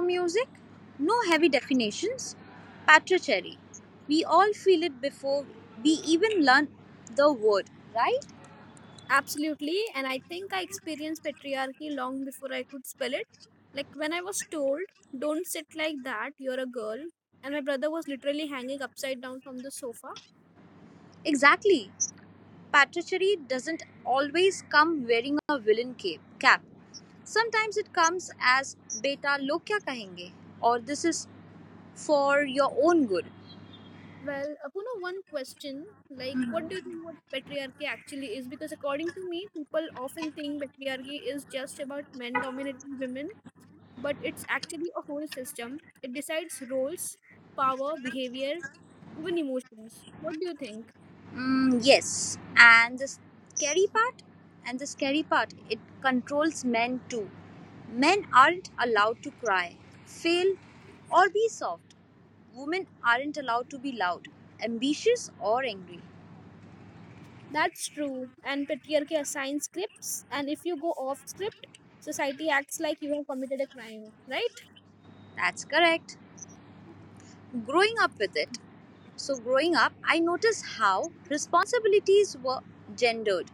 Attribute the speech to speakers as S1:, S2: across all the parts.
S1: music, no heavy definitions. Patricherry. We all feel it before we even learn the word, right?
S2: Absolutely. And I think I experienced patriarchy long before I could spell it. Like when I was told, don't sit like that, you're a girl. And my brother was literally hanging upside down from the sofa.
S1: Exactly. Patricherry doesn't always come wearing a villain cape cap. Sometimes it comes as beta log kya kahenge or this is for your own good.
S2: Well, Apuno, one question, like, what do you think what patriarchy actually is? Because according to me, people often think patriarchy is just about men dominating women, but it's actually a whole system. It decides roles, power, behavior, even emotions. What do you think?
S1: Yes, and the scary part, it controls men too. Men aren't allowed to cry, fail, or be soft. Women aren't allowed to be loud, ambitious, or angry.
S2: That's true. And patriarchy assigns scripts, and if you go off script, society acts like you have committed a crime, right?
S1: That's correct. Growing up with it. Growing up, I noticed how responsibilities were gendered.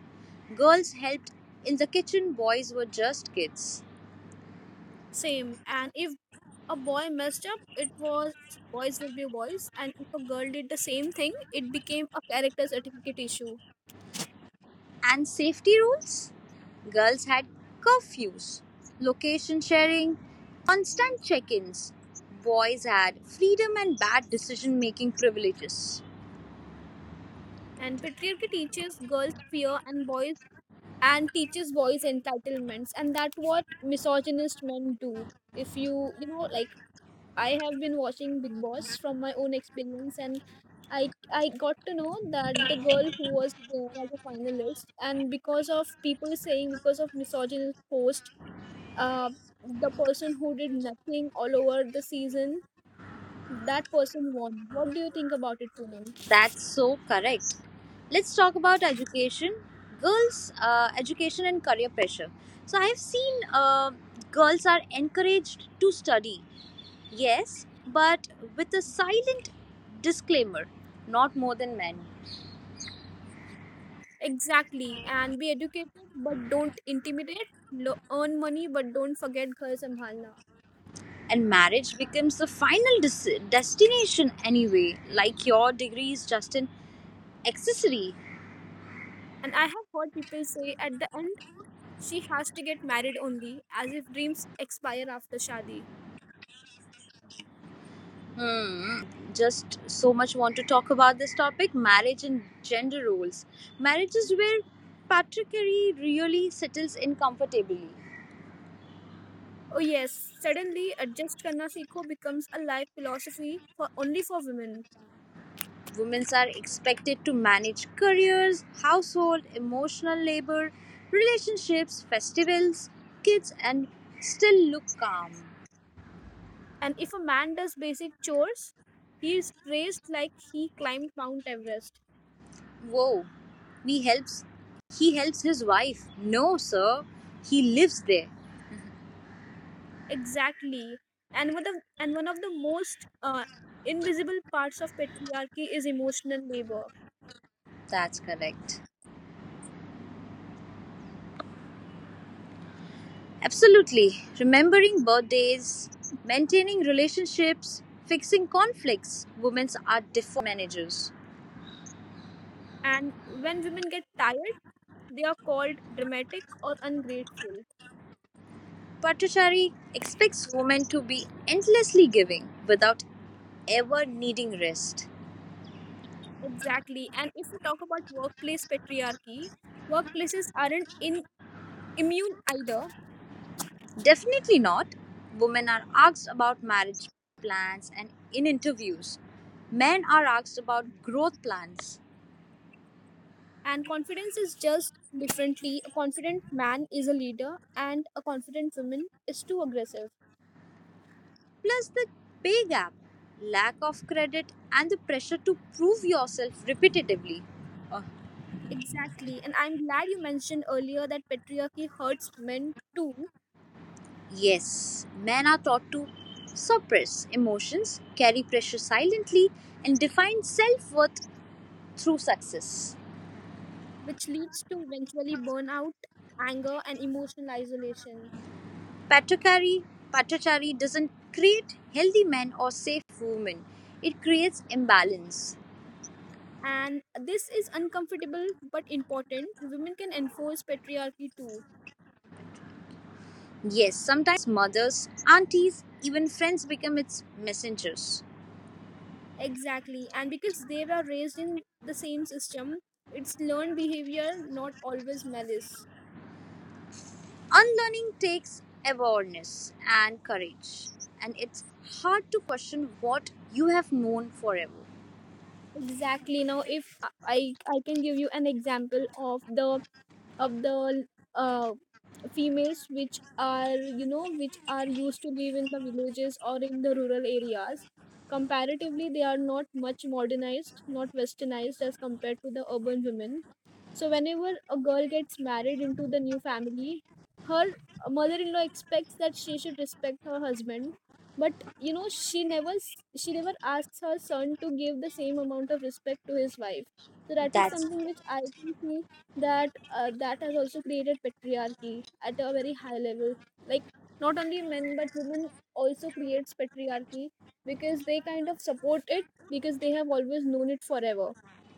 S1: Girls helped in the kitchen, boys were just kids.
S2: Same. And if a boy messed up, it was boys will be boys, and if a girl did the same thing, it became a character certificate issue.
S1: And safety rules? Girls had curfews, location sharing, constant check ins. Boys had freedom and bad decision making privileges.
S2: And patriarchy teaches girls fear and boys and teaches boys entitlements, and that what misogynist men do. If I have been watching Big Boss from my own experience, and I got to know that the girl who was there as a finalist, and because of people saying, because of misogynist post, uh, the person who did nothing all over the season, that person won. What do you think about it, Poonam?
S1: That's so correct. Let's talk about education. Girls, education and career pressure. I've seen girls are encouraged to study, yes, but with a silent disclaimer not more than men,
S2: Exactly, and be educated but don't intimidate. Earn money but don't forget ghar sambhalna.
S1: and marriage becomes the final destination anyway. Like your degree is just an accessory.
S2: And I have heard people say at the end, she has to get married only, as if dreams expire after Shadi.
S1: I just so much want to talk about this topic, marriage and gender roles. Marriage is where patriarchy really settles in comfortably.
S2: Oh, yes, suddenly adjust karna seekho becomes a life philosophy for only for women.
S1: Women are expected to manage careers, household, emotional labor, relationships, festivals, kids, and still look calm.
S2: And if a man does basic chores, he is praised like he climbed Mount Everest.
S1: Whoa. he helps he helps his wife. No, sir. He lives there.
S2: Exactly. And one of the most invisible parts of patriarchy is emotional labor.
S1: That's correct. Absolutely. Remembering birthdays, maintaining relationships, fixing conflicts. Women are default managers.
S2: And when women get tired, they are called dramatic or ungrateful.
S1: Pattachari expects women to be endlessly giving without ever needing rest.
S2: Exactly. And if we talk about workplace patriarchy, workplaces aren't in, immune either.
S1: Definitely not. Women are asked about marriage plans and in interviews. Men are asked about growth plans.
S2: And confidence is just differently. A confident man is a leader, and a confident woman is too aggressive.
S1: Plus the pay gap, lack of credit, and the pressure to prove yourself repetitively. Uh,
S2: Exactly. And I'm glad you mentioned earlier that patriarchy hurts men too,
S1: yes, men are taught to suppress emotions, carry pressure silently, and define self worth through success.
S2: which leads to eventually burnout, anger, and emotional isolation.
S1: Patriarchy, patriarchy doesn't create healthy men or safe women, it creates imbalance.
S2: And this is uncomfortable but important. Women can enforce patriarchy too.
S1: Yes, sometimes mothers, aunties, even friends become its messengers.
S2: Exactly. And because they were raised in the same system, it's learned behavior, not always malice.
S1: Unlearning takes awareness and courage, and it's hard to question what you have known forever.
S2: Exactly. Now, if I can give you an example of the uh females which are which are used to live in the villages or in the rural areas. Comparatively, they are not much modernized, not westernized as compared to the urban women. So whenever a girl gets married into the new family, her mother-in-law expects that she should respect her husband, but you know she never she never asks her son to give the same amount of respect to his wife. So that is
S1: That's
S2: something which I can see that that has also created patriarchy at a very high level. Like not only men but women also creates patriarchy because they kind of support it because they have always known it forever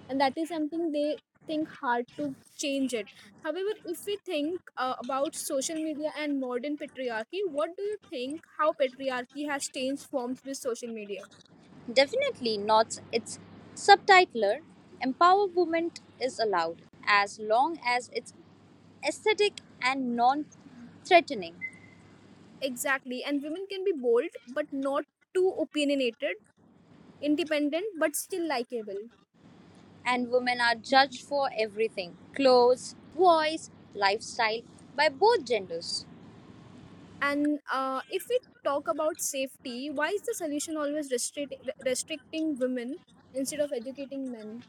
S2: and that is something they think hard to change it. However, if we think about social media and modern patriarchy, what do you think how patriarchy has changed forms with social media?
S1: definitely not its subtitler. Empowerment is allowed as long as it's aesthetic and non threatening,
S2: Exactly. And women can be bold but not too opinionated, independent but still likable.
S1: and women are judged for everything, clothes, voice, lifestyle, by both genders.
S2: And if we talk about safety, why is the solution always restricting women instead of educating men?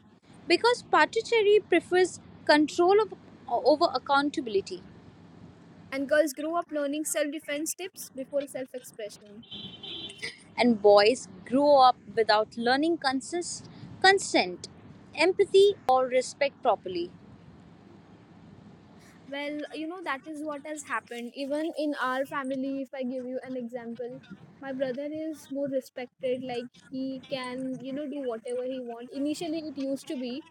S1: Because Patricheri prefers control of, over accountability,
S2: And girls grow up learning self defense tips before self expression.
S1: and boys grow up without learning consent, empathy, or respect properly.
S2: Well, you know, that is what has happened even in our family. If I give you an example, my brother is more respected, like he can you know do whatever he want. Initially, it used to be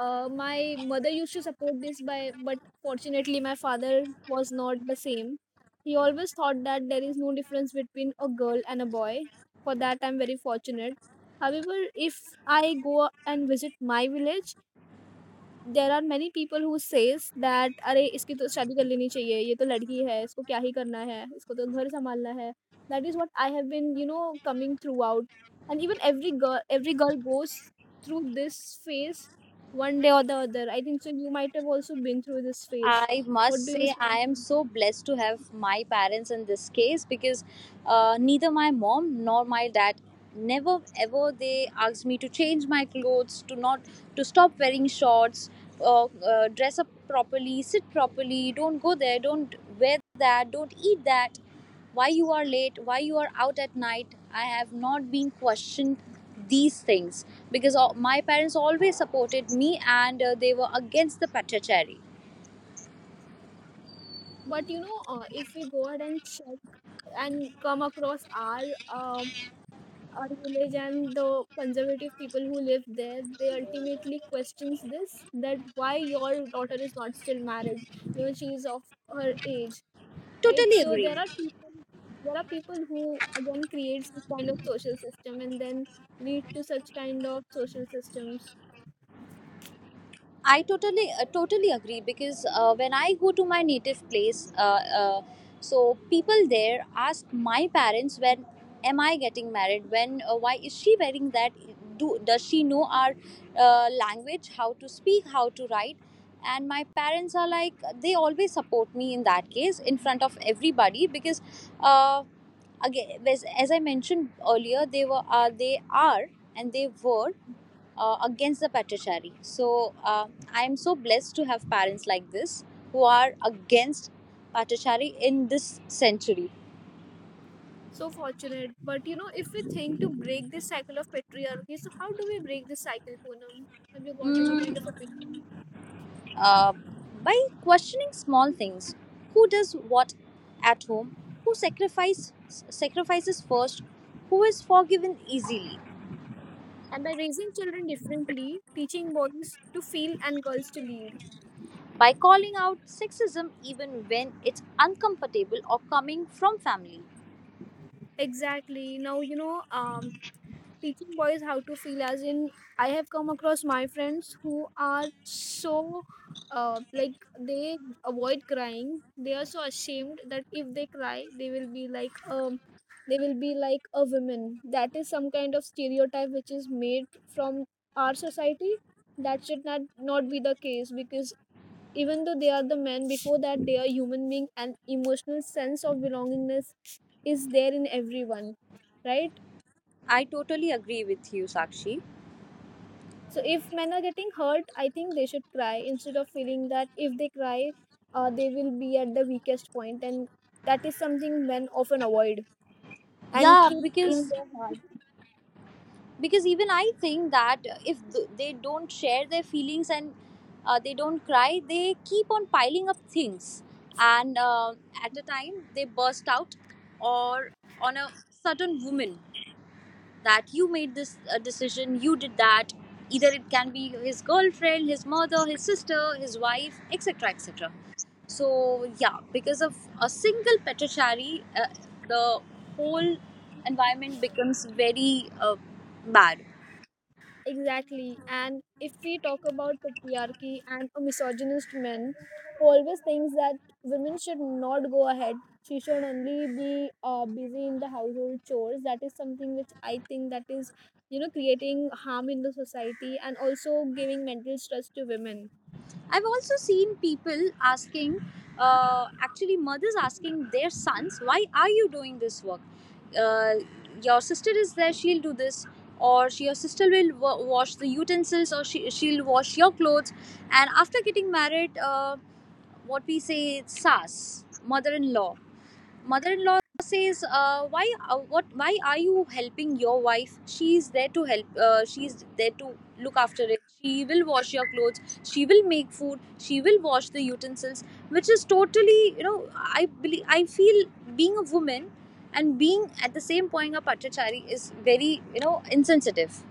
S2: my mother used to support this by, but fortunately my father was not the same. He always thought that there is no difference between a girl and a boy. For that I'm very fortunate. However, if I go and visit my village, there are many people who says that अरे! इसकी तो शादी कर लेनी चाहिए, ये तो लड़की है, इसको क्या ही करना है, इसको तो घर सँभालना है। That is what I have been you know coming throughout and even every girl goes through this phase one day or the other. I think so you might have also been through this phase.
S1: I
S2: What
S1: must
S2: do you
S1: say,
S2: say?
S1: I am so blessed to have my parents in this case because neither my mom nor my dad never ever they asked me to change my clothes, to not to stop wearing shorts, dress up properly, sit properly, don't go there, don't wear that, don't eat that. Why you are late? Why you are out at night? I have not been questioned these things because my parents always supported me and they were against the patrachari.
S2: But you know, if we go ahead and check and come across our village and the conservative people who live there, they ultimately questions this that why your daughter is not still married, you know, she is of her age, right?
S1: Totally
S2: So there
S1: agree.
S2: are people, there are people who again creates this kind of social system and then lead to such kind of social systems.
S1: I totally totally agree because when I go to my native place, so people there ask my parents when am I getting married? When why is she wearing that? Do does she know our language? How to speak? How to write? And my parents are like they always support me in that case in front of everybody because uh, again as I mentioned earlier, they are and they were against the patriarchy. So I am so blessed to have parents like this who are against patriarchy in this century.
S2: So fortunate, but you know, if we think to break this cycle of patriarchy, so how do we break this cycle, Poonam? Have you got any
S1: Mm,
S2: kind of opinion?
S1: uh, by questioning small things, who does what at home, who sacrifices first, who is forgiven easily.
S2: And by raising children differently, teaching boys to feel and girls to lead.
S1: By calling out sexism even when it's uncomfortable or coming from family.
S2: Exactly. Now, you know, teaching boys how to feel, as in, I have come across my friends who are so, like, they avoid crying. They are so ashamed that if they cry, they will be like, they will be like a woman. That is some kind of stereotype which is made from our society. That should not be the case because even though they are the men, before that they are human being and emotional sense of belongingness is there in everyone, right?
S1: I totally agree with you, Sakshi.
S2: So if men are getting hurt, I think they should cry instead of feeling that if they cry, they will be at the weakest point, and that is something men often avoid and
S1: Yeah,
S2: keep in
S1: because
S2: their heart.
S1: because even I think that if they don't share their feelings and they don't cry, they keep on piling up things and at a time they burst out or on a certain woman that you made this decision, you did that, either it can be his girlfriend, his mother, his sister, his wife, etc, etc. So yeah, because of a single petashari, the whole environment becomes very uh, bad.
S2: Exactly. And if we talk about patriarchy and a misogynist men who always thinks that women should not go ahead, she should only be busy in the household chores. That is something which I think that is, you know, creating harm in the society and also giving mental stress to women.
S1: I've also seen people asking, actually, mothers asking their sons, why are you doing this work? Uh, your sister is there, she'll do this. Or your sister will wash the utensils, or she'll wash your clothes. And after getting married, what we say, it's SAS, mother in law mother-in-law says, why what why are you helping your wife? She is there to help, she is there to look after it, she will wash your clothes, she will make food, she will wash the utensils, which is totally, you know, I believe, I feel being a woman and being at the same point a patrachari is very, you know, insensitive.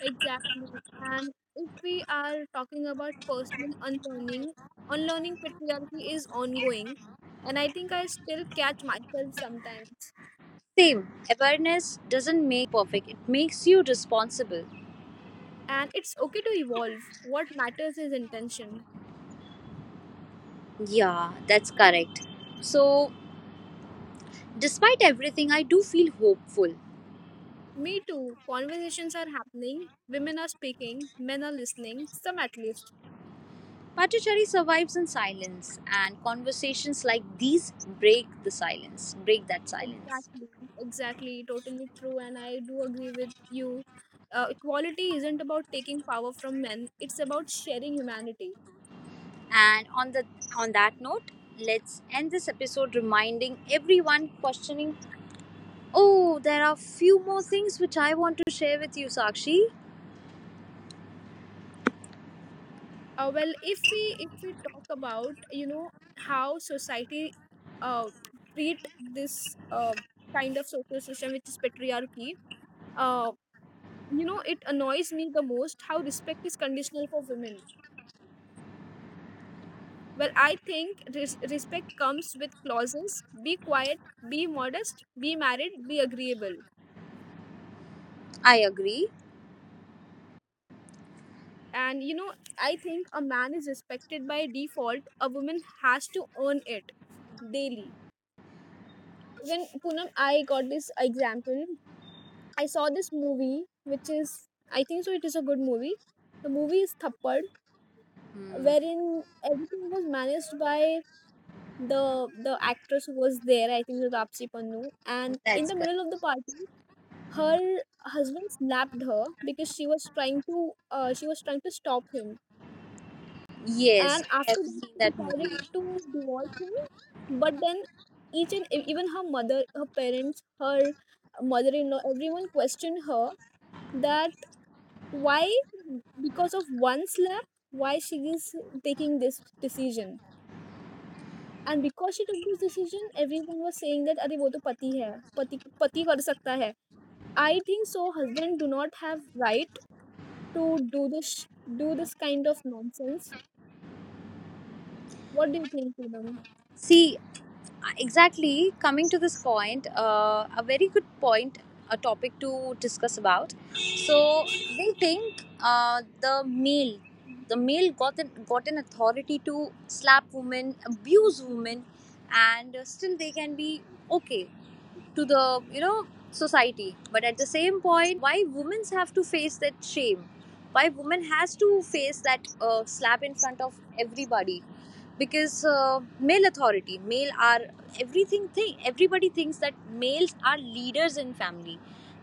S2: Exactly. And if we are talking about personal unlearning, unlearning patriarchy is ongoing. And I think I still catch myself sometimes.
S1: Same awareness doesn't make you perfect, it makes you responsible.
S2: And it's okay to evolve. What matters is intention.
S1: Yeah, that's correct. So despite everything, I do feel hopeful.
S2: Me too. Conversations are happening. Women are speaking. Men are listening. Some at least.
S1: Pachacherry survives in silence, and conversations like these break that silence.
S2: Exactly. Exactly. Totally true. And I do agree with you. Equality isn't about taking power from men. It's about sharing humanity.
S1: And on that note, let's end this episode reminding everyone questioning, "Oh, there are few more things which I want to share with you, Sakshi."
S2: Well, if we talk about you know how society uh, treat this kind of social system which is patriarchy, uh, you know it annoys me the most how respect is conditional for women. Well, I think respect comes with clauses, be quiet, be modest, be married, be agreeable.
S1: I agree.
S2: And you know, I think a man is respected by default, a woman has to earn it daily. When, Poonam, I got this example, I saw this movie which is I think so it is a good movie, the movie is Thappad,
S1: Hmm,
S2: wherein everything was managed by the actress who was there, I think it was Apsi Pannu, and in
S1: that's
S2: the
S1: good.
S2: middle of the party,
S1: Mhm.
S2: her husband slapped her because she was trying to she was trying to stop him.
S1: Yes,
S2: And
S1: I
S2: after
S1: have
S2: that,
S1: seen
S2: she
S1: that
S2: decided
S1: movie.
S2: to divorce him. But then, each and even her mother, her parents, her mother-in-law, everyone questioned her that why, because of one slap, why she is taking this decision. And because she took this decision, everyone was saying that अरे वो तो पति है पति पति कर सकता है. I think so husband do not have right to do this do this kind of nonsense. What do you think, Poonam?
S1: See, exactly coming to this point, a very good point, a topic to discuss about. So they think the male got an authority to slap women, abuse women, and still they can be okay to the, you know, society, but at the same point why women have to face that shame, why women has to face that slap in front of everybody because male authority, male are everything, thing everybody thinks that males are leaders in family,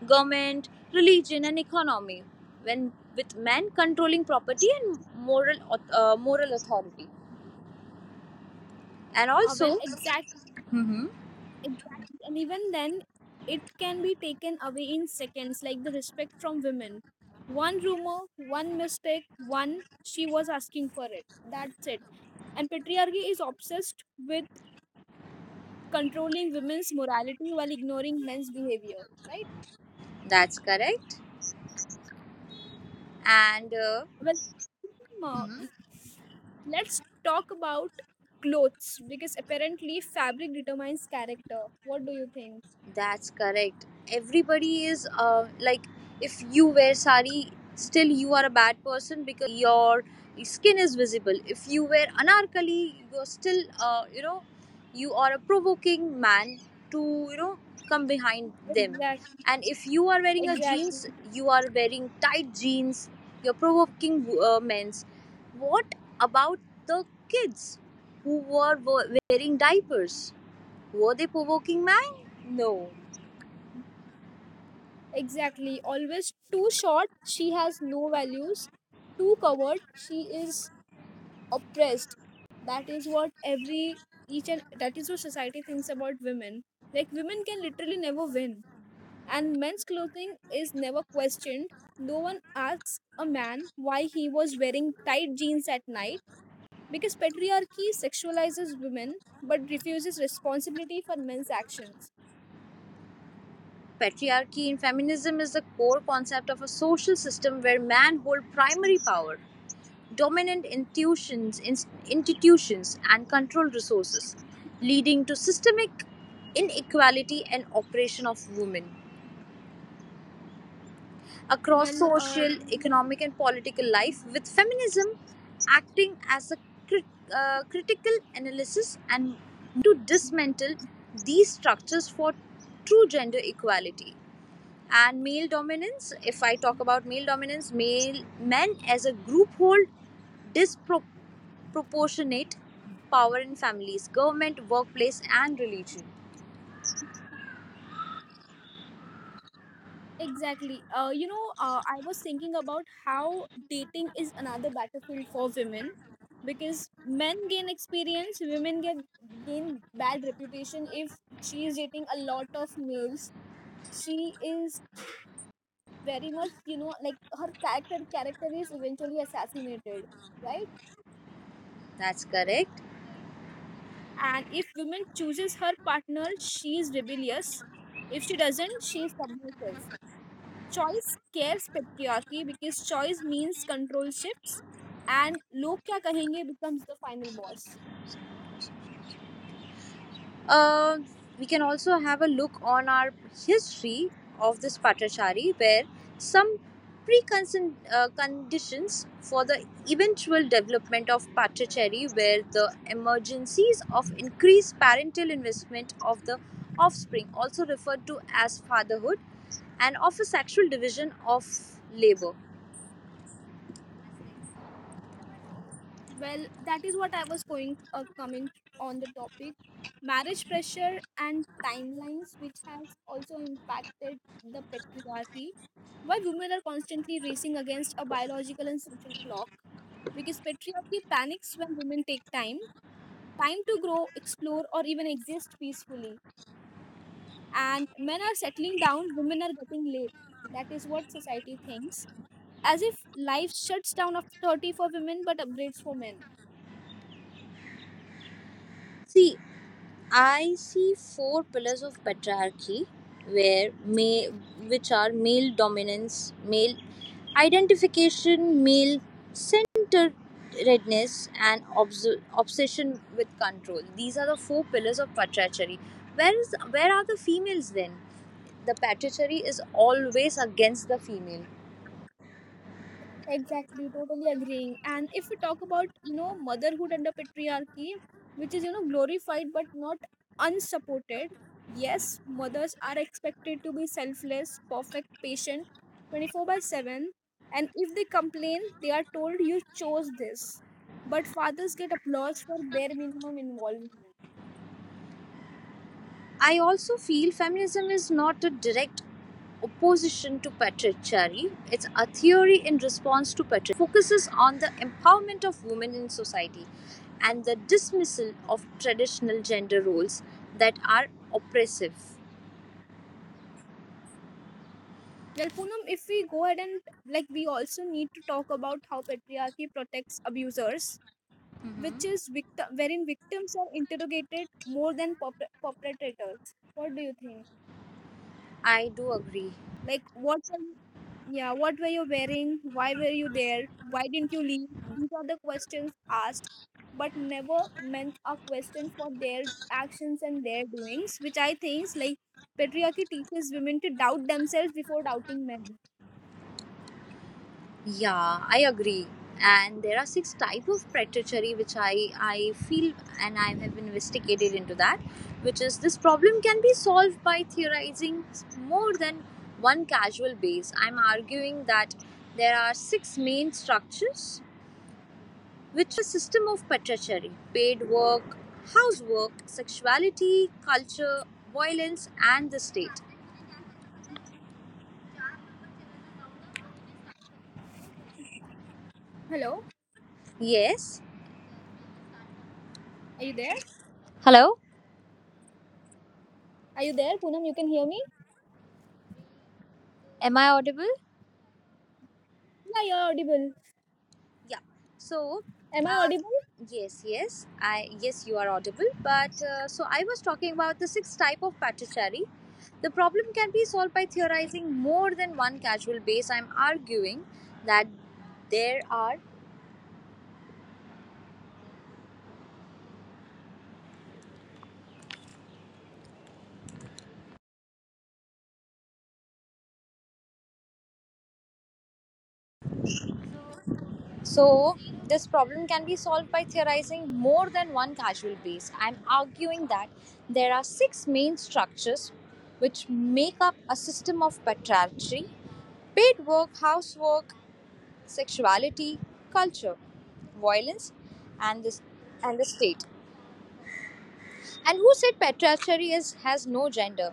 S1: government, religion, and economy, when with men controlling property and moral moral authority, and
S2: Well,
S1: also
S2: exactly,
S1: Mhm.
S2: exactly. And even then, it can be taken away in seconds, like the respect from women. One rumor, one mistake, one she was asking for it. That's it. And patriarchy is obsessed with controlling women's morality while ignoring men's behavior, right?
S1: That's correct, and
S2: Well,
S1: mm-hmm.
S2: uh, let's talk about clothes because apparently fabric determines character. What do you think?
S1: That's correct. Everybody is like, if you wear sari, still you are a bad person because your skin is visible. If you wear anarkali, you're still, you know, you are a provoking man to, you know, come behind them.
S2: Exactly,
S1: And if you are wearing a
S2: exactly,
S1: jeans, you are wearing tight jeans, you're provoking men's. What about the kids who were wearing diapers? Were they provoking man? No.
S2: exactly. Always too short, she has no values. Too covered, she is oppressed. That is what every each and that is what society thinks about women. Like women can literally never win, and men's clothing is never questioned. No one asks a man why he was wearing tight jeans at night because patriarchy sexualizes women but refuses responsibility for men's actions.
S1: Patriarchy in feminism is the core concept of a social system where man hold primary power, dominant intuitions, institutions, and control resources, leading to systemic inequality and oppression of women across
S2: Well,
S1: social, economic, and political life, with feminism acting as a crit- critical analysis and movement to dismantle these structures for true gender equality. And male dominance, if I talk about male dominance, male men as a group hold disproportionate power in families, government, workplace, and religion.
S2: exactly. You know, I was thinking about how dating is another battlefield for women because men gain experience, women get gain bad reputation if she is dating a lot of males. She is very much, you know, like her character is eventually assassinated, right?
S1: That's correct.
S2: And if woman chooses her partner, she is rebellious. If she doesn't, she is submissive. Choice scares patriarchy because choice means control shifts and log kya kahenge becomes the final boss.
S1: Uh, we can also have a look on our history of this Patrachari, where some preconditions conditions for the eventual development of Patrachari were the emergencies of increased parental investment of the offspring, also referred to as fatherhood, and of a sexual division of labor.
S2: Well, that is what I was going, coming on the topic marriage pressure and timelines which has also impacted the patriarchy, why women are constantly racing against a biological and social clock because patriarchy panics when women take time to grow, explore, or even exist peacefully. And men are settling down, women are getting late. That is what society thinks. As if life shuts down after 30 for women but upgrades for men.
S1: See, I see four pillars of patriarchy, where may which are male dominance, male identification, male centeredness, and obsession with control. These are the four pillars of patriarchy. Where are the females then? The patriarchy is always against the female.
S2: Exactly, totally agreeing. And if we talk about, you know, motherhood under patriarchy, which is, you know, glorified but not unsupported, yes, mothers are expected to be selfless, perfect, patient 24 by 7. And if they complain, they are told you chose this. But fathers get applause for bare minimum involvement.
S1: I also feel feminism is not a direct opposition to patriarchy. It's a theory in response to patriarchy. Feminism focuses on the empowerment of women in society and the dismissal of traditional gender roles that are oppressive.
S2: Well, Poonam, if we go ahead and like, we also need to talk about how patriarchy protects abusers, which
S1: Hmm,
S2: is victim, wherein victims are interrogated more than perpetrators. What do you think?
S1: I do agree.
S2: Like, what? Are- Yeah, what were you wearing? Why were you there? Why didn't you leave? These are the questions asked, but never meant a question for their actions and their doings, which I think is like patriarchy teaches women to doubt themselves before doubting men.
S1: Yeah, I agree. And there are six type of predatory which I feel and I have investigated into that, which is this problem can be solved by theorizing more than one casual base. I'm arguing that there are six main structures which make up a system of predatory: paid work, housework, sexuality, culture, violence, and the state.
S2: Hello,
S1: Yes.
S2: are you there?
S1: Hello.
S2: Are you there, Poonam? You can hear me?
S1: Am I audible?
S2: Yeah, you're audible.
S1: Yeah. So,
S2: Am I
S1: uh,
S2: audible?
S1: yes, I yes, you are audible. But so I was talking about the sixth type of patriarchy. The problem can be solved by theorizing more than one causal base. I'm arguing that there are so this problem can be solved by theorizing more than one causal base. I'm arguing that there are six main structures which make up a system of patriarchy, paid work, housework, sexuality, culture, violence, and this and the state. And who said patriarchy has no gender?